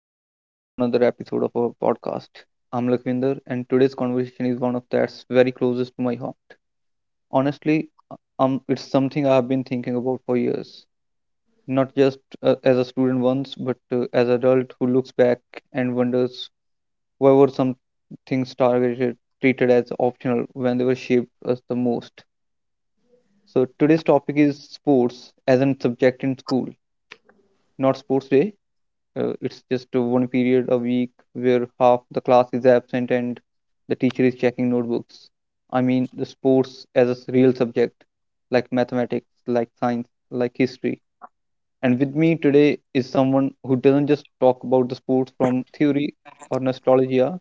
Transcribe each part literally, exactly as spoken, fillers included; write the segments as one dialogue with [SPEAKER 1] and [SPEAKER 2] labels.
[SPEAKER 1] welcome back to another episode of our podcast. I'm Lakwinder and today's conversation is one of that's very closest to my heart. Honestly, uh, um, it's something I have been thinking about for years. Not just uh, as a student once, but uh, as an adult who looks back and wonders why were some things targeted, treated as optional when they were shaped as the most. So today's topic is sports as a subject in school, not sports day, uh, it's just uh, one period a week where half the class is absent and the teacher is checking notebooks. I mean, the sports as a s- real subject, like mathematics, like science, like history. And with me today is someone who doesn't just talk about the sports from theory or nostalgia,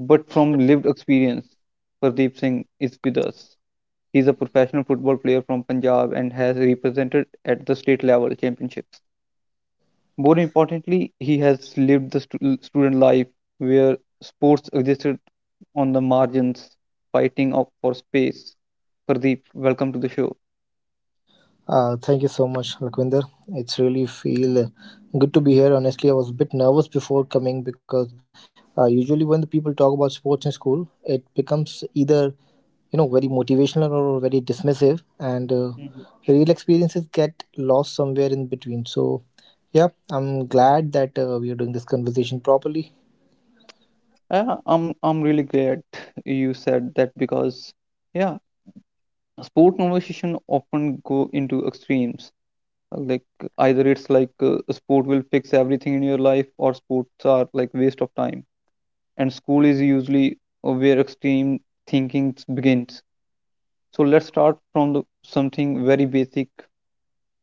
[SPEAKER 1] but from lived experience. Pardeep Singh is with us. He's a professional football player from Punjab and has represented at the state level championships. More importantly, he has lived the stu- student life where sports existed on the margins, fighting up for space. Pradeep, welcome to the show.
[SPEAKER 2] Uh, thank you so much, Lakwinder. It's really feel uh, good to be here. Honestly, I was a bit nervous before coming because uh, usually when the people talk about sports in school, it becomes either you know very motivational or very dismissive, and uh,
[SPEAKER 1] Mhm.
[SPEAKER 2] real experiences get lost somewhere in between. So, yeah, I'm glad that uh, we are doing this conversation properly.
[SPEAKER 1] Yeah, I'm I'm really glad you said that because yeah, sport conversation often go into extremes. Uh, Like either it's like uh, sport will fix everything in your life, or sports are like waste of time. And school is usually uh, where extreme thinking begins. So let's start from the, something very basic.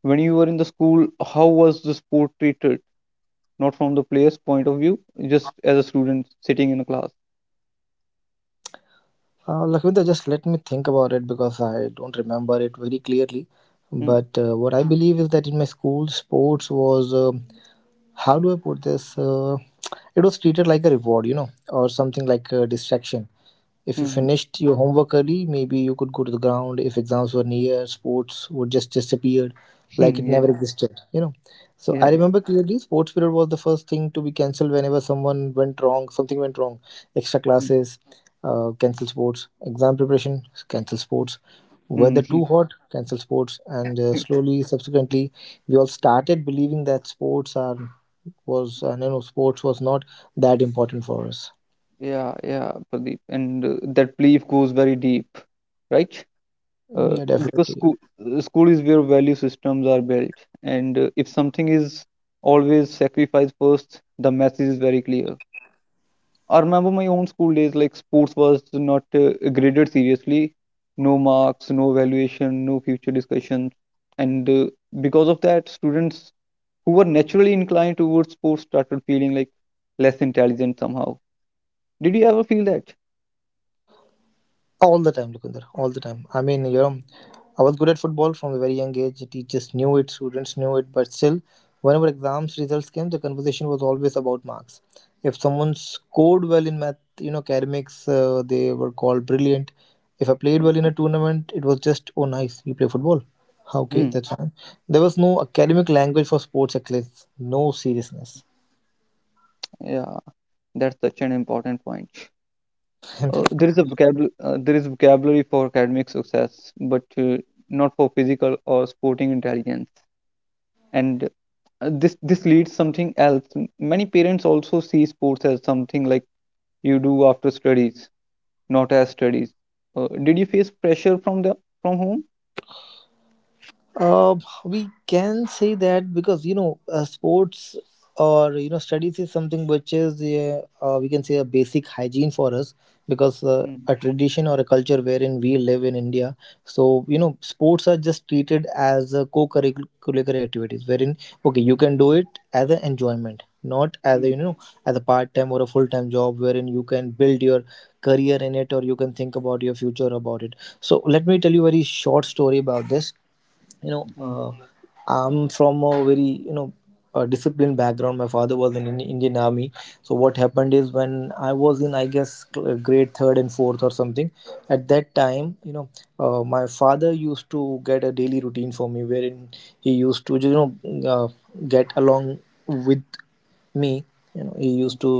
[SPEAKER 1] When you were in the school, how was the sport treated? Not from the player's point of view, just as a student sitting in a class.
[SPEAKER 2] Uh, Lakwinder, just let me think about it because I don't remember it very clearly. But
[SPEAKER 1] Mm.
[SPEAKER 2] uh, what I believe is that in my school, sports was a how do I put this? Uh, it was treated like a reward, you know, or something like a distraction. If you
[SPEAKER 1] Mhm.
[SPEAKER 2] finished your homework early, maybe you could go to the ground. If exams were near, sports would just disappeared, like it
[SPEAKER 1] hmm.
[SPEAKER 2] never
[SPEAKER 1] Yeah.
[SPEAKER 2] existed, you know. So I
[SPEAKER 1] Yeah.
[SPEAKER 2] remember clearly, sports period was the first thing to be cancelled whenever someone went wrong, something went wrong. Extra
[SPEAKER 1] Yeah.
[SPEAKER 2] classes, uh, cancel sports. Exam preparation, cancel sports.
[SPEAKER 1] Mm.
[SPEAKER 2] Weather
[SPEAKER 1] Mhm.
[SPEAKER 2] too hot, cancel sports. And uh, slowly, subsequently, we all started believing that sports are was uh, you know sports was not that important for us.
[SPEAKER 1] Yeah, yeah, Pradeep. And uh, that belief goes very deep, right? Uh,
[SPEAKER 2] Yeah,
[SPEAKER 1] because
[SPEAKER 2] definitely.
[SPEAKER 1] school, uh, school is where value systems are built. And uh, if something is always sacrificed first, the message is very clear. I remember my own school days, like sports was not uh, graded seriously. No marks, no evaluation, no future discussions. And uh, because of that, students who were naturally inclined towards sports started feeling like less intelligent somehow. Did you ever feel that?
[SPEAKER 2] All the time, Lukinder. All the time. I mean, you know, I was good at football from a very young age. The teachers knew it, students knew it, but still, whenever exams results came, the conversation was always about marks. If someone scored well in math, you know, academics, uh, they were called brilliant. If I played well in a tournament, it was just, oh, nice, you play football. Okay,
[SPEAKER 1] Hmm.
[SPEAKER 2] that's fine. There was no academic language for sports excellence, no seriousness.
[SPEAKER 1] Yeah, that's such an important point. Uh, there is a vocabulary, uh, there is vocabulary for academic success, but uh, not for physical or sporting intelligence. and uh, this this leads something else. M- many parents also see sports as something like you do after studies not as studies, uh, did you face pressure from the from home?
[SPEAKER 2] Uh, we can say that because you know uh, sports or you know studies is something which is uh, uh, we can say a basic hygiene for us because uh,
[SPEAKER 1] Mm.
[SPEAKER 2] a tradition or a culture wherein we live in India. So you know sports are just treated as uh, co-curricular activities wherein okay you can do it as an enjoyment, not as a you
[SPEAKER 1] Mm.
[SPEAKER 2] know as a part-time or a full-time job wherein you can build your career in it or you can think about your future about it. So let me tell you a very short story about this you know
[SPEAKER 1] Mm.
[SPEAKER 2] uh, I'm from a very you know a disciplined background. My father was in Indi- indian army. So what happened is when I was in I guess cl- uh, grade third and fourth or something, at that time you know uh, my father used to get a daily routine for me wherein he used to you know uh, get along with me. You know, he
[SPEAKER 1] Mm.
[SPEAKER 2] used to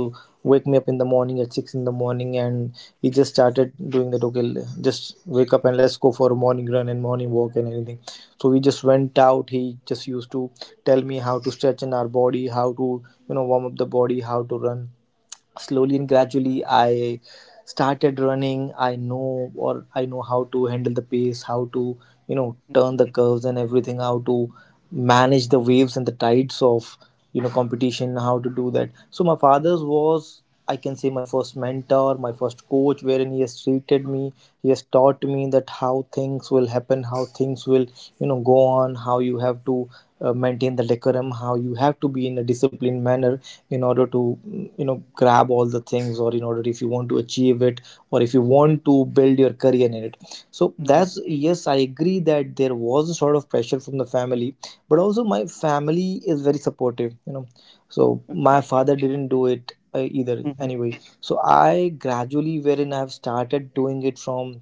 [SPEAKER 2] wake me up in the morning at six in the morning, and he just started doing that. Okay, l- just wake up and let's go for a morning run and morning walk and anything. So we just went out. He just used to tell me how to stretch in our body, how to you know warm up the body, how to run. Slowly and gradually I started running. I know, or I know how to handle the pace, how to you know turn the curves and everything, how to manage the waves and the tides of you know competition, how to do that. So my father's was, I can say, my first mentor, my first coach, wherein he has treated me, he has taught me that how things will happen, how things things will you know go on, how you have to uh, maintain the decorum, how you have to be in a disciplined manner in order to mm, you know grab all the things, or in order if you want to achieve it or if you want to build your career in it. So
[SPEAKER 1] Mm. Mhm.
[SPEAKER 2] that's, yes, I agree that there was a sort of pressure from the family, but also my family is very supportive, you know. So my
[SPEAKER 1] Okay.
[SPEAKER 2] father didn't do it uh, either
[SPEAKER 1] Mhm.
[SPEAKER 2] anyway. So I gradually wherein I have started doing it from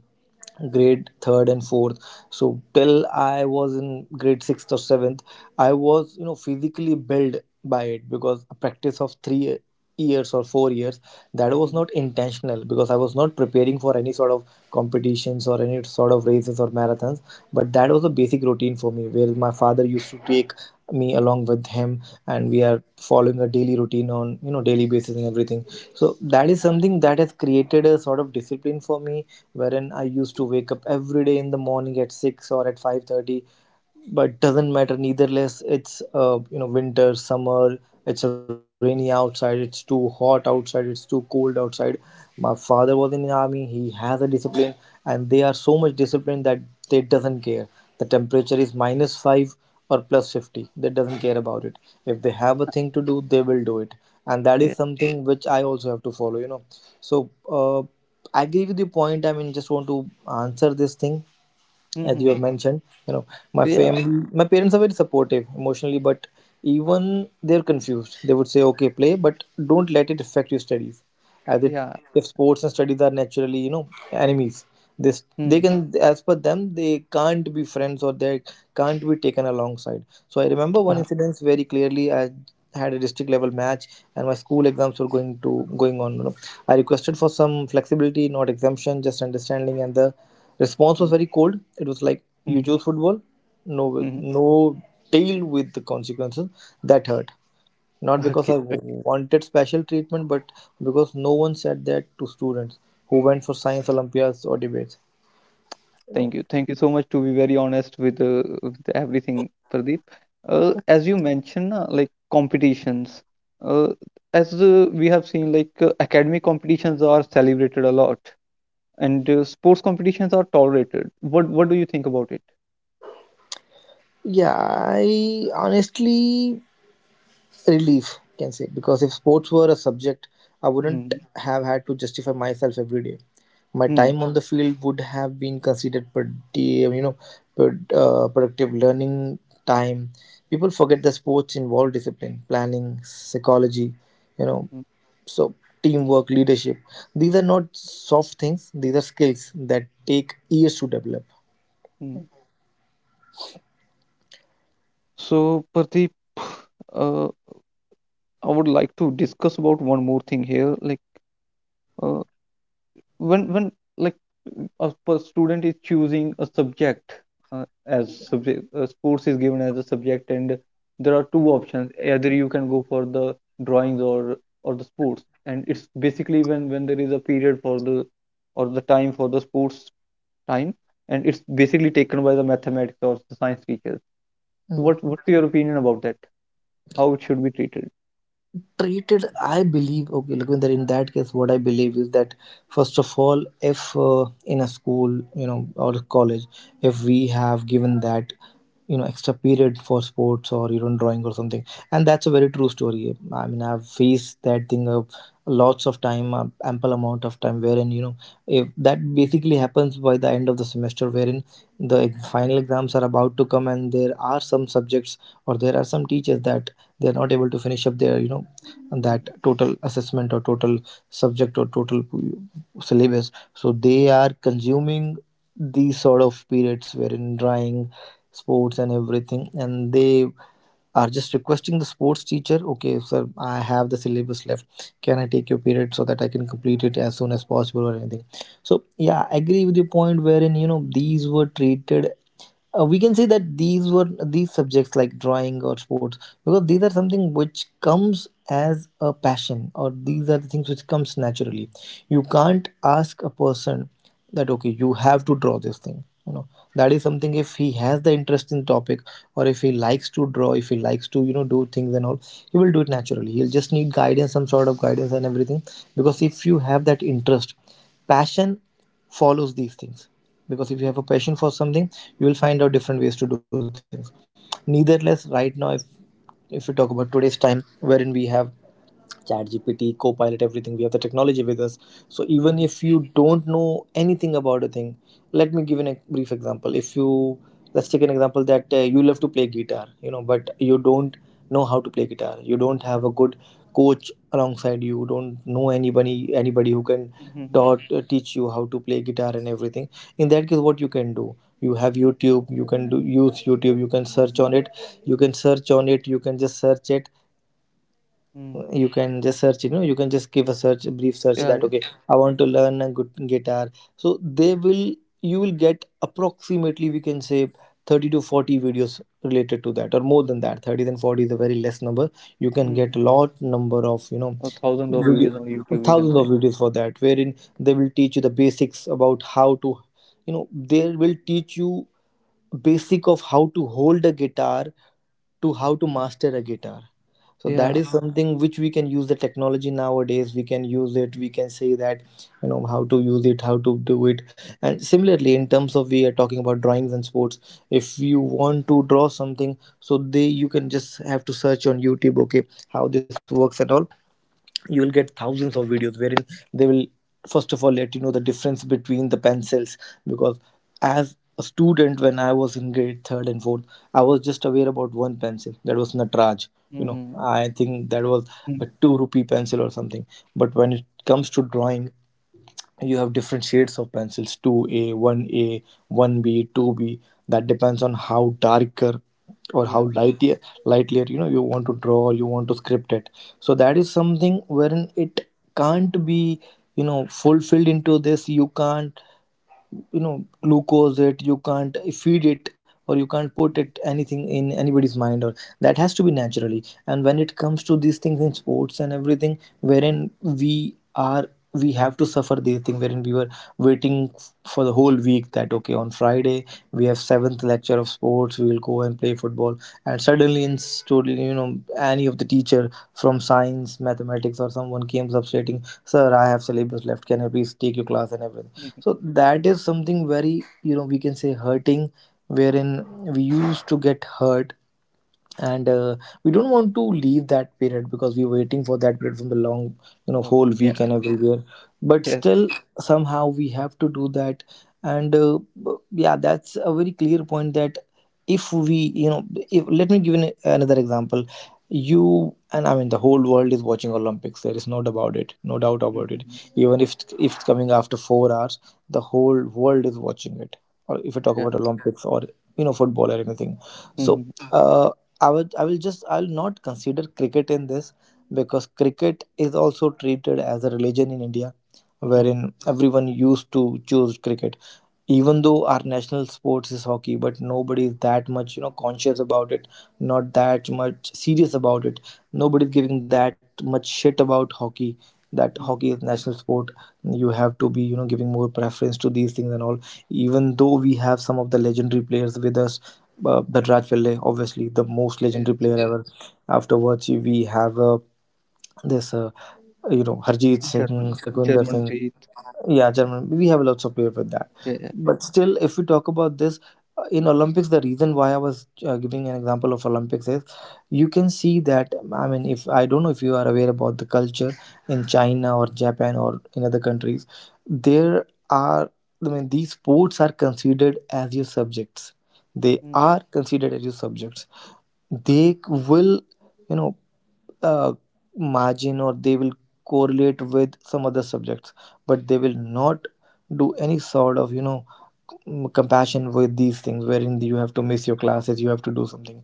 [SPEAKER 2] grade third and fourth, so till I was in grade sixth or seventh, I was you know physically built by it, because a practice of three years or four years, that was
[SPEAKER 1] Mhm.
[SPEAKER 2] not intentional because I was not preparing for any sort of competitions or any sort of races or marathons. But that was a basic routine for me where my father used to take me along with him, and we are following a daily routine on you know daily basis and everything. So that is something that has created a sort of discipline for me, wherein I used to wake up every day in the morning at six or at five thirty. But doesn't matter, neither less, it's uh, you know winter summer, it's rainy outside, it's too hot outside, it's too cold outside. My father was in the army, he has a discipline, and they are so much disciplined that they doesn't care the temperature is minus five or plus fifty, they doesn't care about it. If they have a thing to do, they will do it. And that is
[SPEAKER 1] Yeah.
[SPEAKER 2] something which I also have to follow, you know. So uh, I agree with your point. I mean, just want to answer this thing. As you
[SPEAKER 1] Mhm.
[SPEAKER 2] have mentioned, you know, my
[SPEAKER 1] Yeah,
[SPEAKER 2] family, my parents are very supportive emotionally, but even they're confused. They would say okay play but don't let it affect your studies, as it,
[SPEAKER 1] yeah.
[SPEAKER 2] if sports and studies are naturally you know enemies, this they
[SPEAKER 1] Mm.
[SPEAKER 2] can, as per them they can't be friends, or they can't be taken alongside. So I remember one
[SPEAKER 1] uh,
[SPEAKER 2] incident very clearly. I had a district level match and my school exams were going to going on, you know. I requested for some flexibility, not exemption, just understanding, and the response
[SPEAKER 1] mm.
[SPEAKER 2] was very cold. It was like, "You
[SPEAKER 1] Mhm.
[SPEAKER 2] choose football? No,
[SPEAKER 1] Mhm.
[SPEAKER 2] no, deal with the consequences." That hurt. Not because
[SPEAKER 1] Okay.
[SPEAKER 2] I wanted special treatment, but because no one said that to students who went for science Olympiads or debates. You know.
[SPEAKER 1] Thank you. Thank you so much to be very honest with, uh, with everything, Pradeep. Uh, as you mentioned, uh, like competitions, uh, as uh, we have seen, like uh, academic competitions are celebrated a lot, and uh, sports competitions are tolerated. What What do you think about it?
[SPEAKER 2] Yeah, I honestly relief can say, because if sports were a subject I wouldn't
[SPEAKER 1] Mm-hmm.
[SPEAKER 2] have had to justify myself every day. My
[SPEAKER 1] Hmm.
[SPEAKER 2] time on the field would have been considered pretty um, you know pred- uh, productive learning time. People forget that sports involve discipline, planning, psychology, you know.
[SPEAKER 1] Hmm.
[SPEAKER 2] So teamwork, leadership, these are not soft things, these are skills that take years to develop.
[SPEAKER 1] Hmm. So, Pradeep, uh, I would like to discuss about one more thing here, like uh, when when like a per- student is choosing a subject, uh, as subject uh, sports is given as a subject and there are two options, either you can go for the drawings or or the sports, and it's basically when when there is a period for the or the time for the sports time, and it's basically taken by the mathematics or the science teachers.
[SPEAKER 2] Mm,
[SPEAKER 1] So
[SPEAKER 2] yeah.
[SPEAKER 1] what what's your opinion about that, how it should be treated?
[SPEAKER 2] Treated, I believe, okay look, in that case what I believe is that first of all, if uh, in a school you know or a college, if we have given that you know extra period for sports or you know drawing or something, and that's a very true story. I mean, I've faced that thing of lots of time, um, ample amount of time, wherein you know if that basically happens by the end of the semester, wherein the ex- final exams are about to come, and there are some subjects or there are some teachers that they are not able to finish up their you know that
[SPEAKER 1] Mhm.
[SPEAKER 2] total assessment or total subject or total syllabus, so they are consuming these sort of periods wherein drawing, sports and everything, and they are just requesting the sports teacher, okay sir, I have the syllabus left, can I take your period so that I can complete it as soon as possible or anything. So yeah, I agree with your point, wherein you know these were treated, uh, we can say that these were, these subjects like drawing or sports, because these are something which comes as a passion, or these are the things which comes naturally. You can't ask a person that okay you have to draw this thing, you know. That is something, if he has the interest in the topic, or if he likes to draw, if he likes to you know do things and all, he will do it naturally. He'll just need guidance, some sort of guidance and everything. Because if you have that interest, passion follows these things, because if you
[SPEAKER 1] Mhm.
[SPEAKER 2] have a passion for something, you will find out different ways to do things. Nevertheless, right now, if if we talk about today's time wherein we have ChatGPT, copilot, everything, we have the technology with us. So even
[SPEAKER 1] Mhm.
[SPEAKER 2] if you don't know anything about a thing, let me give an, a brief example. If you, let's take an example that uh, you love to play guitar, you know, but you don't know how to play guitar, you don't have a good coach alongside, you don't know anybody, anybody who can
[SPEAKER 1] Mhm.
[SPEAKER 2] taught, uh, teach you how to play guitar and everything. In that case, what you can do, you have YouTube, you can do use YouTube, you can search on it, you can search on it, you can just search it,
[SPEAKER 1] Mhm.
[SPEAKER 2] you can just search, you know, you can just give a search, a brief search,
[SPEAKER 1] Yeah. Yeah.
[SPEAKER 2] that Okay, I want to learn a good guitar. So they will you will get approximately, we can say, thirty to forty videos related to that, or more than that. 30 and 40 is a very less number. You can
[SPEAKER 1] Mhm.
[SPEAKER 2] get lot number of, you know
[SPEAKER 1] A thousand of
[SPEAKER 2] video,
[SPEAKER 1] videos on YouTube, we can
[SPEAKER 2] thousands of videos for that, wherein they will teach you the basics about how to, you know they will teach you basic of how to hold a guitar, to how to
[SPEAKER 1] say.
[SPEAKER 2] master a guitar. So that
[SPEAKER 1] Yeah.
[SPEAKER 2] is something which we can use. The technology nowadays, we can use it, we can say that, you know how to use it, how to do it. And similarly, in terms of we are talking about drawings and sports, if you want to draw something, so they you can just have to search on youtube, okay, how this works at all. You will get
[SPEAKER 1] Mhm.
[SPEAKER 2] thousands of videos wherein they will first of all let you know the difference between the pencils, because as a student, when I was in grade third and fourth, I was just aware about one pencil, that was Natraj. you know
[SPEAKER 1] Mhm.
[SPEAKER 2] I think that was
[SPEAKER 1] Mm.
[SPEAKER 2] a two rupee pencil or something. But when it comes to drawing, you have different shades of pencils, two A, one A, one B, two B, that depends on how darker or
[SPEAKER 1] Yeah.
[SPEAKER 2] how lightier, lightlier, you know you want to draw, or you want to script it. So that is something wherein it can't be, you know fulfilled into this. You can't, you know glucose it, you can't feed it, or you can't put
[SPEAKER 1] Mhm.
[SPEAKER 2] it anything in anybody's mind, or that has to be naturally. And when it comes to these things in sports and everything, wherein we are we have to suffer these things, wherein we were waiting f- for the whole week that, okay, on Friday we have seventh lecture of sports, we will go and play football. And suddenly, in story, you know any of the teacher from science science, mathematics, or someone came substituting, "Sir, I have syllabus left. Can I please take your class and everything?"
[SPEAKER 1] Mhm.
[SPEAKER 2] So that is something very, you know, we can say, hurting, wherein we used to get hurt, and uh, we don't want to leave that period because we're waiting for that period from the long, you know
[SPEAKER 1] Or
[SPEAKER 2] whole
[SPEAKER 1] yeah.
[SPEAKER 2] week and everywhere. But
[SPEAKER 1] Yes.
[SPEAKER 2] still, somehow we have to do that. And uh, b- yeah, that's a very clear point, that if we, you know if, let me give an, another example. You and I mean, the whole world is watching Olympics. There is no doubt about it. No doubt about it.
[SPEAKER 1] Mhm.
[SPEAKER 2] Even if if it's coming after four hours, the whole world is watching it, or if we talk
[SPEAKER 1] Yeah.
[SPEAKER 2] about Olympics or, you know football or anything. So,
[SPEAKER 1] Mhm.
[SPEAKER 2] uh, I would I will just I'll not consider cricket in this, because cricket is also treated as a religion in India,
[SPEAKER 1] Mhm.
[SPEAKER 2] wherein everyone used to choose cricket. Even though our national sports is hockey, but nobody is that much, you know, conscious about it, not that much serious about it. Nobody's giving that much shit about hockey, that hockey
[SPEAKER 1] Mhm.
[SPEAKER 2] is national sport. You have to be, you know, giving more preference to these things and all. Even though we have some of the legendary players with us, uh, Raj Pillai, obviously the most
[SPEAKER 1] Yes.
[SPEAKER 2] legendary player
[SPEAKER 1] Yes.
[SPEAKER 2] ever. Afterwards, we have uh, this, uh, you know, Harjeet Singh,
[SPEAKER 1] German,
[SPEAKER 2] Sakwinder
[SPEAKER 1] German
[SPEAKER 2] Singh,
[SPEAKER 1] beat.
[SPEAKER 2] yeah,
[SPEAKER 1] Yeah.
[SPEAKER 2] German. We have lots of players with that.
[SPEAKER 1] Yeah. Yeah.
[SPEAKER 2] But still, if we talk about this, uh, in Olympics, the reason why I was uh, giving an example of Olympics is you can see that. I mean, if I don't know if you are aware about the culture in China or Japan or in other countries, there are. I mean, these sports are considered as your subjects. They
[SPEAKER 1] Mm.
[SPEAKER 2] are considered as your subjects. They will, you know uh, margin, or they will correlate with some other subjects, but they will not do any sort of, you know mm, compassion with these things, wherein you have to miss your classes, you have to do something.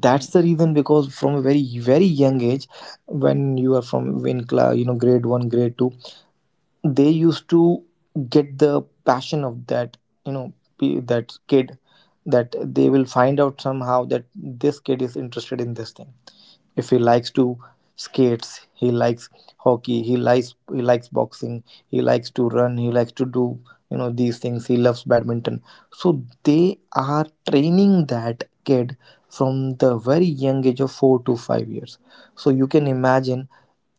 [SPEAKER 1] Mhm.
[SPEAKER 2] the reason, because from a very very young age, when you are from in class, you know grade one, grade two, they used to get the passion of that, you know pe- that kid, that they will find out somehow that this kid is interested in this thing. If he likes to skates, he likes hockey, he likes he likes boxing, he likes to run, he likes to do, you know these things, he loves badminton. So they are training that kid from the very young age of four to five years. So you can imagine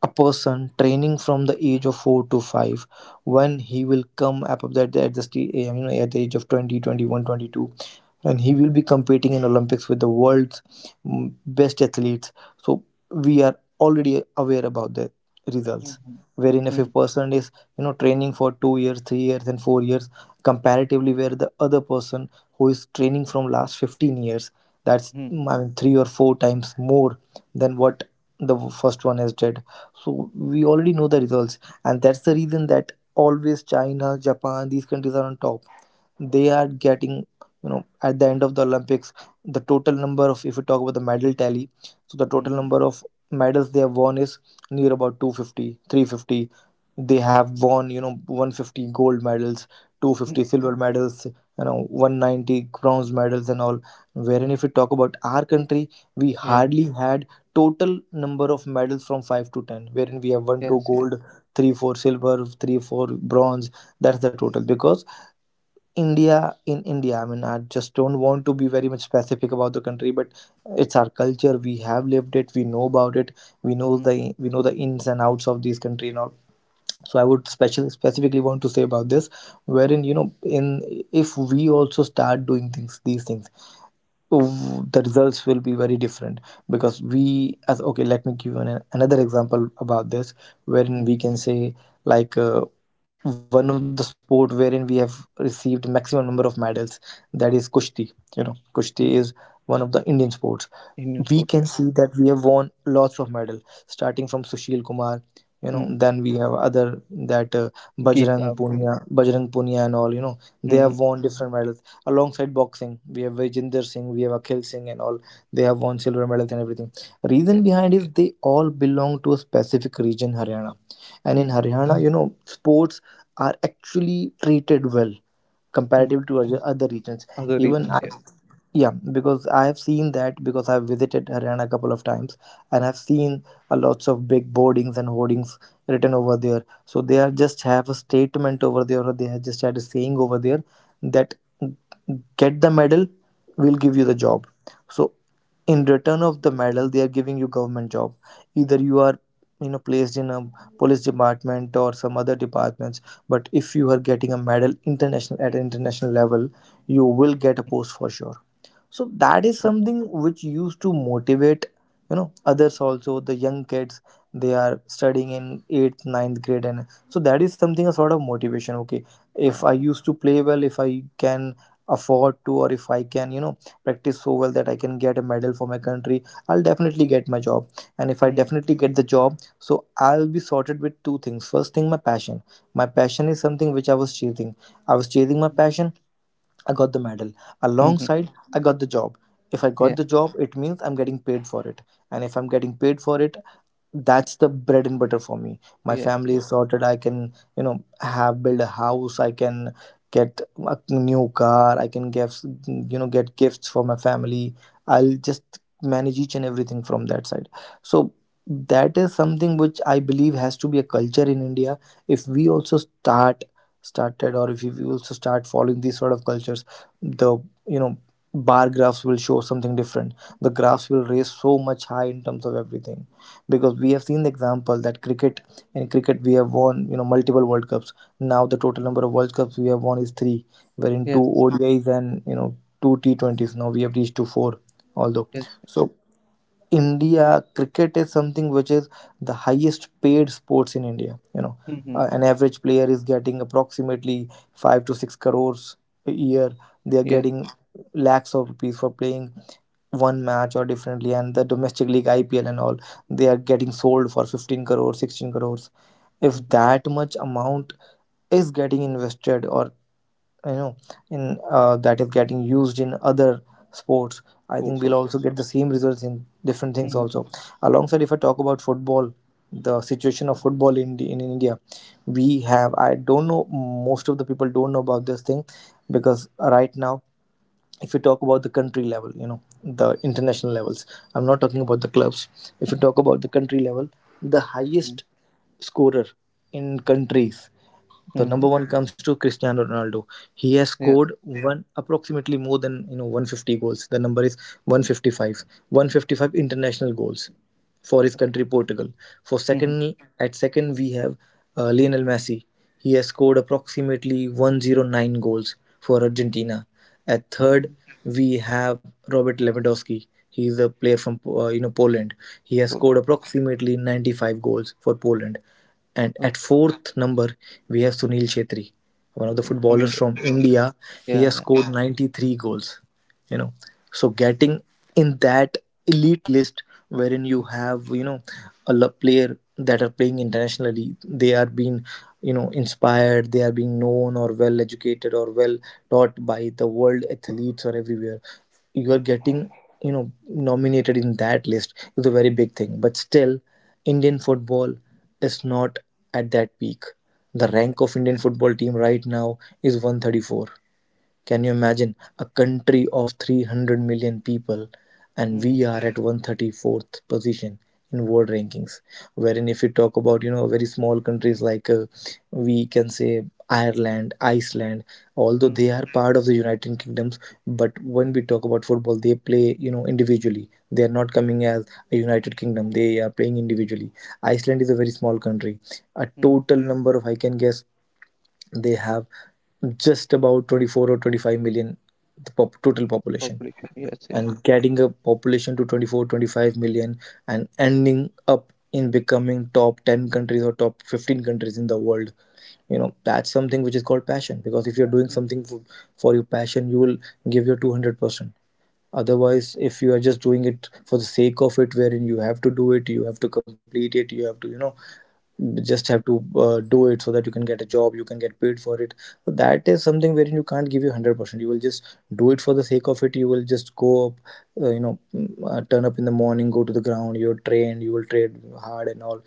[SPEAKER 2] a person training from the age of four to five, when he will come up at the, at the sti- you know at the age of twenty, twenty one, twenty two, and he will be competing in Olympics with the world's mm, best athletes. So we are already aware about the results,
[SPEAKER 1] Mhm.
[SPEAKER 2] wherein if a
[SPEAKER 1] Mhm.
[SPEAKER 2] person is, you know training for two years, three years, and four years, comparatively where the other person who is training from last fifteen years, that's
[SPEAKER 1] Mhm.
[SPEAKER 2] mm, I mean, three or four times more than what the first one has did. So we already know the results. And that's the reason that always China, Japan, these countries are on top. They are getting, you know at the end of the Olympics, the total number of if we talk about the medal tally, so the
[SPEAKER 1] Mhm.
[SPEAKER 2] total
[SPEAKER 1] Mhm.
[SPEAKER 2] number of medals they have won is near about two fifty, three fifty. They have won, you know one hundred fifty gold medals, two hundred fifty silver medals, you know one hundred ninety bronze medals and all, wherein if we talk about our country, we
[SPEAKER 1] Yeah.
[SPEAKER 2] hardly had total number of medals from five to ten, wherein we have 1, 2
[SPEAKER 1] Yes. Yes.
[SPEAKER 2] gold, 3, 4 silver, 3, 4 bronze.
[SPEAKER 1] Mm.
[SPEAKER 2] That's the total. Because India in India, I mean, I just don't want to be very much specific about the country, but it's our culture. We have lived it. We know about it. We know
[SPEAKER 1] Mhm.
[SPEAKER 2] the we know the ins and outs of this country and all. So I would special specifically want to say about this, wherein, you know, in if we also start doing things, these things, w- the results will be very different. Because we as okay, let me give you an, another example about this, wherein
[SPEAKER 1] Mhm.
[SPEAKER 2] we can say, like, uh, one of the sport wherein we have received maximum number of medals, that is kushti. You know kushti is
[SPEAKER 1] Mhm.
[SPEAKER 2] one of the Indian sports. We
[SPEAKER 1] Indian
[SPEAKER 2] can
[SPEAKER 1] sport.
[SPEAKER 2] see
[SPEAKER 1] Yeah.
[SPEAKER 2] that we have won lots of medal, starting from Sushil Kumar, you know
[SPEAKER 1] Mm.
[SPEAKER 2] then we have other, that uh, bajrang
[SPEAKER 1] Gita. Yeah.
[SPEAKER 2] punia bajrang punia and all. You know they have
[SPEAKER 1] Mhm.
[SPEAKER 2] won different medals. Alongside boxing, we have Vijender Singh, we have Akhil Singh and all, they have won silver medals and everything.
[SPEAKER 1] Yeah.
[SPEAKER 2] Reason behind is they all belong to a specific region, Haryana. And in
[SPEAKER 1] Mm.
[SPEAKER 2] Haryana, you know sports are actually treated well,
[SPEAKER 1] Hmm.
[SPEAKER 2] comparative to other other regions.
[SPEAKER 1] Other
[SPEAKER 2] Even
[SPEAKER 1] reasons.
[SPEAKER 2] I,
[SPEAKER 1] Yeah.
[SPEAKER 2] yeah, because I have seen that, because I've visited Haryana a couple of times, and I've seen a lots of big boardings and hoardings written over there. So they are just have a statement over there, or they have just had a saying over there that, "Get the medal, we'll give you the
[SPEAKER 1] Mhm.
[SPEAKER 2] job." So in return of the medal, they are giving you government job, either you are, you know placed in a police department or some other departments, but if you are getting a medal international at an
[SPEAKER 1] Mhm.
[SPEAKER 2] international level, you will get a post for sure. So that is
[SPEAKER 1] Oh.
[SPEAKER 2] something which used to motivate, you know others also, the young kids. They are studying in eighth, ninth grade, and so that is something, a sort of motivation. Okay, if I
[SPEAKER 1] Yeah.
[SPEAKER 2] used to play well, if I can afford to, or if I can, you know practice so well that I can get a medal for my country, I'll definitely get my job. And if I
[SPEAKER 1] Mm.
[SPEAKER 2] definitely get the job, so I'll be sorted with two things. First thing, my passion. My passion is something which I was chasing. I was chasing my
[SPEAKER 1] Mhm.
[SPEAKER 2] passion. I got the medal.
[SPEAKER 1] Mhm.
[SPEAKER 2] Alongside, I got the job. If I
[SPEAKER 1] Yeah.
[SPEAKER 2] got the job, it means I'm getting paid for it. And if I'm getting paid for it, that's the bread and butter for me. My
[SPEAKER 1] Yes.
[SPEAKER 2] family
[SPEAKER 1] Yes.
[SPEAKER 2] is sorted. I can, you know, have build a house. I can get a new car. I can give, you know, get gifts for my family. I'll just manage each and everything from that side. So that is something which I believe has to be a culture in India if we also start started or if we also start following these sort of cultures, the you know bar graphs will show something different. The graphs will raise so much high in terms of everything, because we have seen the example that cricket in cricket we have won you know multiple world cups. Now the total
[SPEAKER 1] Mhm.
[SPEAKER 2] number of world cups we have won is three, wherein two
[SPEAKER 1] Yes.
[SPEAKER 2] O D Is and you know two T twenties. Now we have reached to four. although
[SPEAKER 1] Yes.
[SPEAKER 2] so India, cricket is something which is the highest paid sports in India. You know,
[SPEAKER 1] Mm-hmm.
[SPEAKER 2] uh, an average player is getting approximately five to six crores a year. They are
[SPEAKER 1] Yes.
[SPEAKER 2] getting lakhs of rupees for playing one match or differently, and the domestic league I P L and all, they are getting sold for fifteen crores, sixteen crores. If
[SPEAKER 1] Mm-hmm.
[SPEAKER 2] that much amount is getting invested or you know in uh, that is getting used in other sports, I think
[SPEAKER 1] Course
[SPEAKER 2] we'll
[SPEAKER 1] also.
[SPEAKER 2] also get the same results in different things
[SPEAKER 1] Mm-hmm.
[SPEAKER 2] also. Alongside, if I talk about football, the situation of football in in India, we have, I don't know, most of the people don't know about this thing. Because right now, if you talk about the country level, you know the international levels, I'm not talking about the clubs. If you talk about the country level, the
[SPEAKER 1] Mm-hmm.
[SPEAKER 2] highest scorer in countries, the
[SPEAKER 1] Mm-hmm.
[SPEAKER 2] number one comes to Cristiano Ronaldo. He has
[SPEAKER 1] Yes.
[SPEAKER 2] scored one approximately more than you know one hundred fifty goals. The number is one hundred fifty-five. one hundred fifty-five international goals for his country Portugal. For
[SPEAKER 1] Mm-hmm.
[SPEAKER 2] second at second we have uh, Lionel Messi. He has scored approximately one hundred nine goals for Argentina. At third
[SPEAKER 1] Mm-hmm.
[SPEAKER 2] we have Robert Lewandowski. He is a player from uh, you know Poland. He has
[SPEAKER 1] Cool.
[SPEAKER 2] scored approximately ninety-five goals for Poland. And at fourth number, we have Sunil Chhetri, one of the
[SPEAKER 1] Okay. From
[SPEAKER 2] footballers
[SPEAKER 1] India.
[SPEAKER 2] from India. He
[SPEAKER 1] Yeah. Yeah.
[SPEAKER 2] has
[SPEAKER 1] Yeah.
[SPEAKER 2] scored ninety-three goals, you know so getting in that elite list, wherein you have you know a lo- player that are playing internationally, they are being you know inspired, they are being known or well educated or well taught by the world athletes or everywhere, you are
[SPEAKER 1] Mm-hmm. Mm-hmm.
[SPEAKER 2] getting you know nominated in that list is a very big thing. But still, Indian football is not at that peak. The rank of Indian football team right now is one hundred thirty-four. Can you imagine a country of three hundred million people and
[SPEAKER 1] Yeah.
[SPEAKER 2] we are at one hundred thirty-fourth position in world rankings? Wherein, if you talk about you know very small countries like, uh, we can say, Ireland, Iceland, although
[SPEAKER 1] Mm-hmm.
[SPEAKER 2] they are part of the United Kingdoms, but when we talk about football, they play you know individually. They are not coming as a United Kingdom. They are playing individually. Iceland is a very small country. A
[SPEAKER 1] Mm-hmm.
[SPEAKER 2] total number of, I can guess, they have just about twenty-four or twenty-five million, the pop- total population.
[SPEAKER 1] Population. Yes. Yes.
[SPEAKER 2] And getting a population to twenty four, twenty five million, and ending up in becoming top ten countries or top fifteen countries in the world, you know that's something which is called passion. Because if you're doing something for, for your passion, you will give your two hundred percent. Otherwise, if you are just doing it for the sake of it, wherein you have to do it, you have to complete it, you have to you know just have to uh, do it, so that you can get a job, you can get paid for it. So that is something wherein you can't give you one hundred percent, you will just do it for the sake of it. You will just go up, uh, you know mm, uh, turn up in the morning, go to the ground, you're trained you will trade hard and all,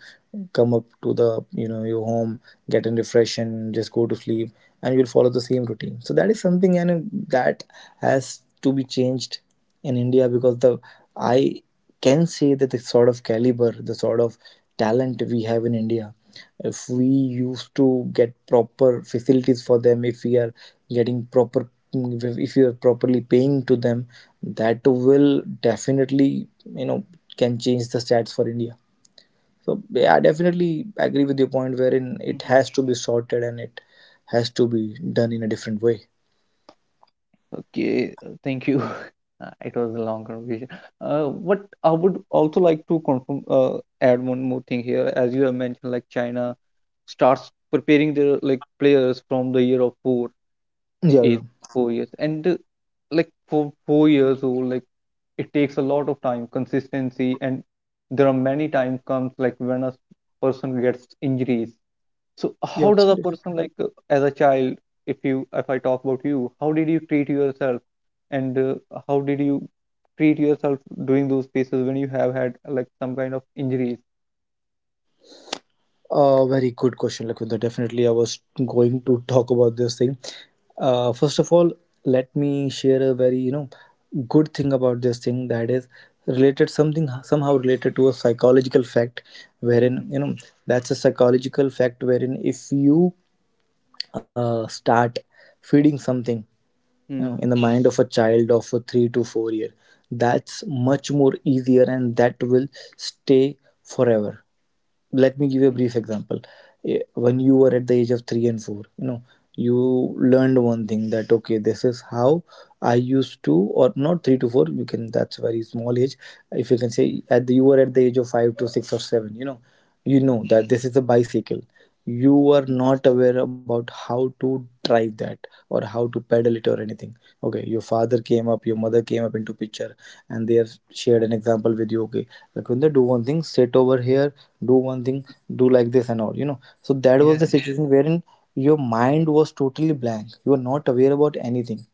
[SPEAKER 2] come up to the you know your home, get in, refresh and just go to sleep. And you'll follow the same routine. So that is something, and uh, that has to be changed in India. Because the I can say that the sort of caliber, the sort of talent we have in India, if we
[SPEAKER 1] Mm-hmm.
[SPEAKER 2] used to get proper facilities for them, if we are getting proper, if we are properly paying to them, that will definitely, you know, can change the stats for India. So yeah, I definitely agree with your point wherein it
[SPEAKER 1] Mm-hmm.
[SPEAKER 2] has to be sorted and it has to be done in a different way.
[SPEAKER 1] Okay. uh, Thank you. Uh, it was a long conversation. Uh, but I would also like to confirm, uh, add one more thing here. As you have mentioned, like China starts preparing their like players from the year of four.
[SPEAKER 2] Yeah, yeah,
[SPEAKER 1] Age four years and uh, like for four years old, like it takes a lot of time, consistency, and there are many times comes like when a person gets injuries. So
[SPEAKER 2] yeah.
[SPEAKER 1] how does a person, like uh, as a child, if you if i talk about you, how did you treat yourself, and uh, how did you treat yourself during those phases when you have had like some kind of injuries?
[SPEAKER 2] Uh, very good question, Lakvinda. Definitely, I was going to talk about this thing. Uh, first of all, let me share a very you know good thing about this thing that is related, something somehow related to a psychological fact, wherein you
[SPEAKER 1] Mm-hmm.
[SPEAKER 2] know that's a psychological fact wherein if you uh, start feeding something, you know, in
[SPEAKER 1] Mm-hmm.
[SPEAKER 2] the mind of a child of a three to four year, that's much more easier and that will stay forever. Let me give you a brief example. Eh, when you were at the age of 3 and 4, you know you learned one thing, that, okay, this is how I used to, or not three to four, you can, that's very small age. If you can say at the, you were at the age of five to six or seven, you know you
[SPEAKER 1] Mm-hmm.
[SPEAKER 2] know that this is a bicycle. You were not aware about how to drive that or how to pedal it or anything. Okay, your father came up, your mother came up into picture, and they have shared an example with you, okay, like when they do one thing, sit over here, do one thing, do like this and all, you know so that was
[SPEAKER 1] Yeah.
[SPEAKER 2] the situation wherein your mind was totally blank. You were not aware about anything.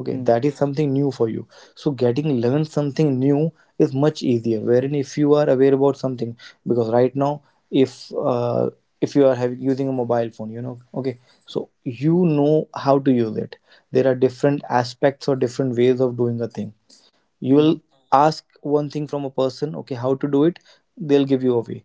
[SPEAKER 2] Okay,
[SPEAKER 1] Mm-hmm.
[SPEAKER 2] that is something new for you. So getting learn something new is much easier wherein if you are aware about something. Because right now, if uh, if you are having, using a mobile phone, you know okay, so you know how to use it. There are different aspects or different ways of doing a thing. You will
[SPEAKER 1] Mm-hmm.
[SPEAKER 2] ask one thing from a person, okay, how to do it. They'll give you a way.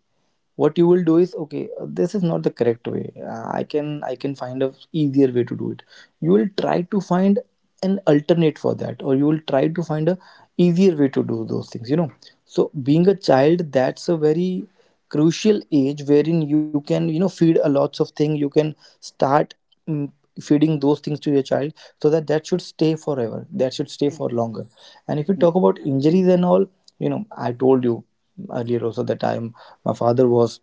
[SPEAKER 2] What you will do is, okay, uh, this is not the correct way. Uh, i can i can find a easier way to do it. You will try to find an alternate for that, or you will try to find a easier way to do those things, you know so being a child, that's a very crucial age wherein you can you know feed a lots of things. You can start, mm, feeding those things to your child, so that that should stay forever, that should stay for
[SPEAKER 1] Mm-hmm.
[SPEAKER 2] longer. And if you talk about injuries and all, you know I told you earlier also that I'm my father was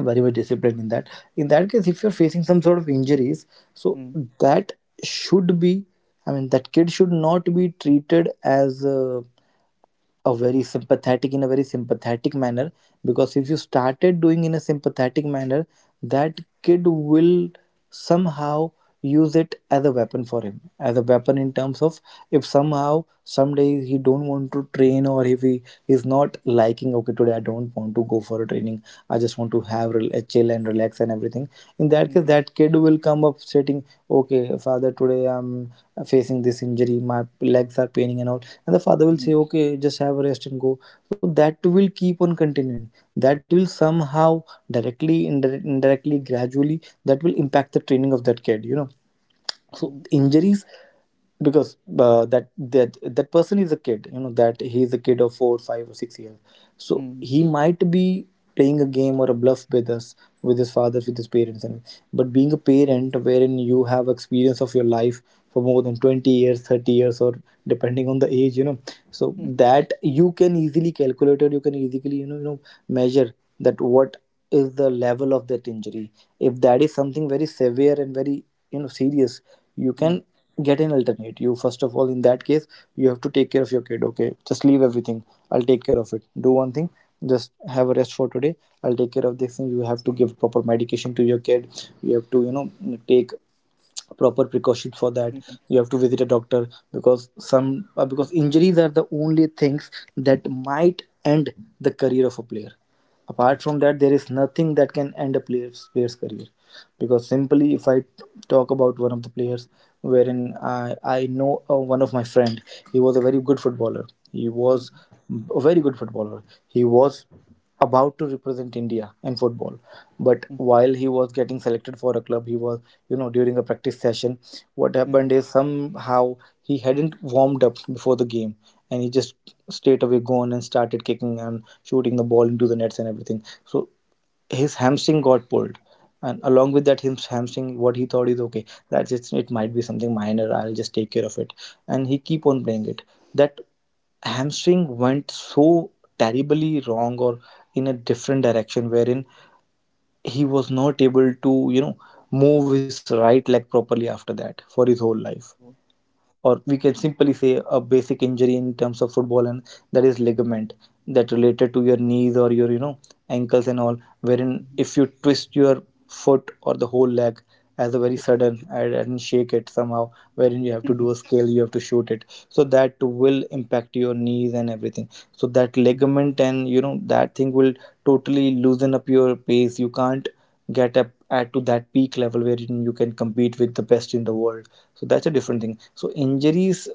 [SPEAKER 2] very much disciplined in that. In that case, if you're facing some sort of injuries, so
[SPEAKER 1] Mm-hmm.
[SPEAKER 2] that should be, I mean, that kid should not be treated as. Uh, a very sympathetic in a very sympathetic manner. Because if you started doing in a sympathetic manner, that kid will somehow use it as a weapon for him, as a weapon, in terms of, if somehow someday he don't want to train, or if he is not liking, okay, today I don't want to go for a training, I just want to have rel- a chill and relax and everything. In that case,
[SPEAKER 1] Mm-hmm.
[SPEAKER 2] that kid will come up stating, okay, father, today I'm facing this injury, my legs are are paining and all, and the father will
[SPEAKER 1] Mm-hmm.
[SPEAKER 2] say, okay, just have a rest and go. So that will keep on continuing, that will somehow directly indir- indirectly, gradually, that will impact the training of that kid. You know so
[SPEAKER 1] Mhm.
[SPEAKER 2] injuries, because uh, that that that person is a kid, you know that he is a kid of four five or six years. So
[SPEAKER 1] Mhm.
[SPEAKER 2] he might be playing a game or a bluff with us, with his father, with his parents, and but being a parent wherein you have experience of your life for more than twenty years, thirty years, or depending on the age, you know so
[SPEAKER 1] Mhm.
[SPEAKER 2] that you can easily calculate, or you can easily you know you know measure that what is the level of that injury. If that is something very severe and very you know serious, you
[SPEAKER 1] Mhm.
[SPEAKER 2] can get an alternate. You, first of all, in that case, you have to take care of your kid. Okay, just leave everything. I'll take care of it. Do one thing. Just have a rest for today. I'll take care of this thing. You have to give proper medication to your kid. You have to you know take proper precautions for that.
[SPEAKER 1] Mhm.
[SPEAKER 2] You have to visit a doctor, because some uh, because injuries are the only things that might end the career of a player. Apart from that, there is nothing that can end a player's, player's career. Because simply, if I talk about one of the players wherein i, I know uh, one of my friend, he was a very good footballer. He
[SPEAKER 1] Mhm.
[SPEAKER 2] was a very good footballer. He was about to represent India in football. But
[SPEAKER 1] Mhm.
[SPEAKER 2] while he was getting selected for a club he was you know during a practice session, what happened is, somehow he hadn't warmed up before the game, and he just straight away gone and started kicking and shooting the ball into the nets and everything. So his hamstring got pulled, and along with that, his hamstring, what he thought is, okay, that's just, it might be something minor, I'll just take care of it, and he keep on
[SPEAKER 1] Mhm.
[SPEAKER 2] playing it. That hamstring went so terribly wrong, or in a different direction, wherein he was not able to you know move his right leg properly after that for his whole life.
[SPEAKER 1] Mhm. Oh.
[SPEAKER 2] Or we can simply say a basic injury in terms of football, and that is ligament, that related to your knees or your you know ankles and all, wherein
[SPEAKER 1] Mhm.
[SPEAKER 2] if you twist your foot or the whole leg as a very sudden, and, and shake it somehow, wherein you have
[SPEAKER 1] Yeah.
[SPEAKER 2] to do
[SPEAKER 1] Mhm.
[SPEAKER 2] a scale, you have to shoot it, so that will impact your knees and everything. So that ligament and you know that thing will totally loosen up your pace, you can't get up at to that peak level where you can compete with the best in the world. So that's a different thing. So injuries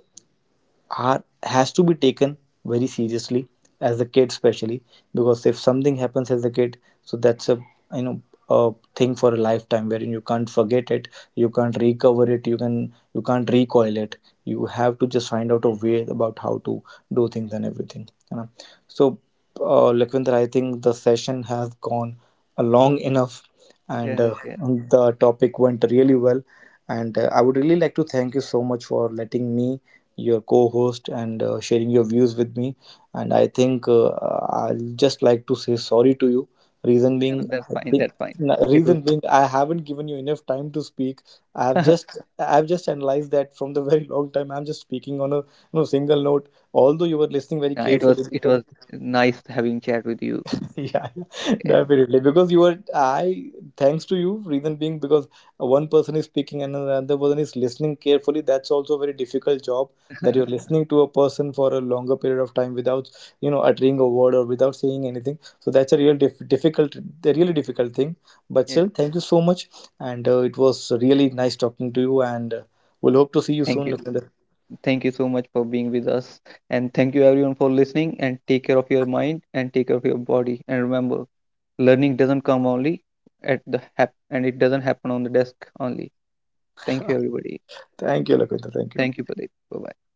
[SPEAKER 2] are has to be taken very seriously as a kid, especially, because if something happens as a kid, so that's a, you know a thing for a lifetime wherein you can't forget it, you can't recover it, you can you can't recoil it. You have to just find out a way about how to do things and everything, you know so, uh, Lakhvinder, I think the session has gone uh, long enough, and
[SPEAKER 1] Yes,
[SPEAKER 2] uh,
[SPEAKER 1] yeah.
[SPEAKER 2] the topic went really well. And uh, I would really like to thank you so much for letting me, your co-host, and uh, sharing your views with me. And I think uh, I'll just like to say sorry to you. Reason
[SPEAKER 1] No, no,
[SPEAKER 2] being,
[SPEAKER 1] that's
[SPEAKER 2] I
[SPEAKER 1] fine.
[SPEAKER 2] think.
[SPEAKER 1] That's fine.
[SPEAKER 2] n-
[SPEAKER 1] It was,
[SPEAKER 2] Reason being, I haven't given you enough time to speak. I have just, I have just analyzed that from the very long time. I'm just speaking on a, you know, single note, although you were listening very
[SPEAKER 1] yeah, it was,
[SPEAKER 2] carefully.
[SPEAKER 1] it was nice having chat with you.
[SPEAKER 2] Yeah, yeah,
[SPEAKER 1] Yeah,
[SPEAKER 2] definitely. Because you are, I, thanks to you, reason being, because one person is speaking and another person is listening carefully. That's also a very difficult job, that you're listening to a person for a longer period of time without, you know, uttering a word or without saying anything. So that's a real dif- difficult, a really difficult thing. But
[SPEAKER 1] yeah.
[SPEAKER 2] still, thank you so much. And uh, it was really nice talking to you. And uh, we'll hope to see you
[SPEAKER 1] Thank
[SPEAKER 2] soon,
[SPEAKER 1] you.
[SPEAKER 2] Lakwinder.
[SPEAKER 1] Thank you so much for being with us. And thank you everyone for listening and take care of your mind and take care of your body. And remember, learning doesn't come only at the hap and it doesn't happen on the desk only. Thank you, everybody.
[SPEAKER 2] Thank you, Lakwinder. Thank
[SPEAKER 1] Thank
[SPEAKER 2] you.
[SPEAKER 1] you, Pradeep. Bye-bye.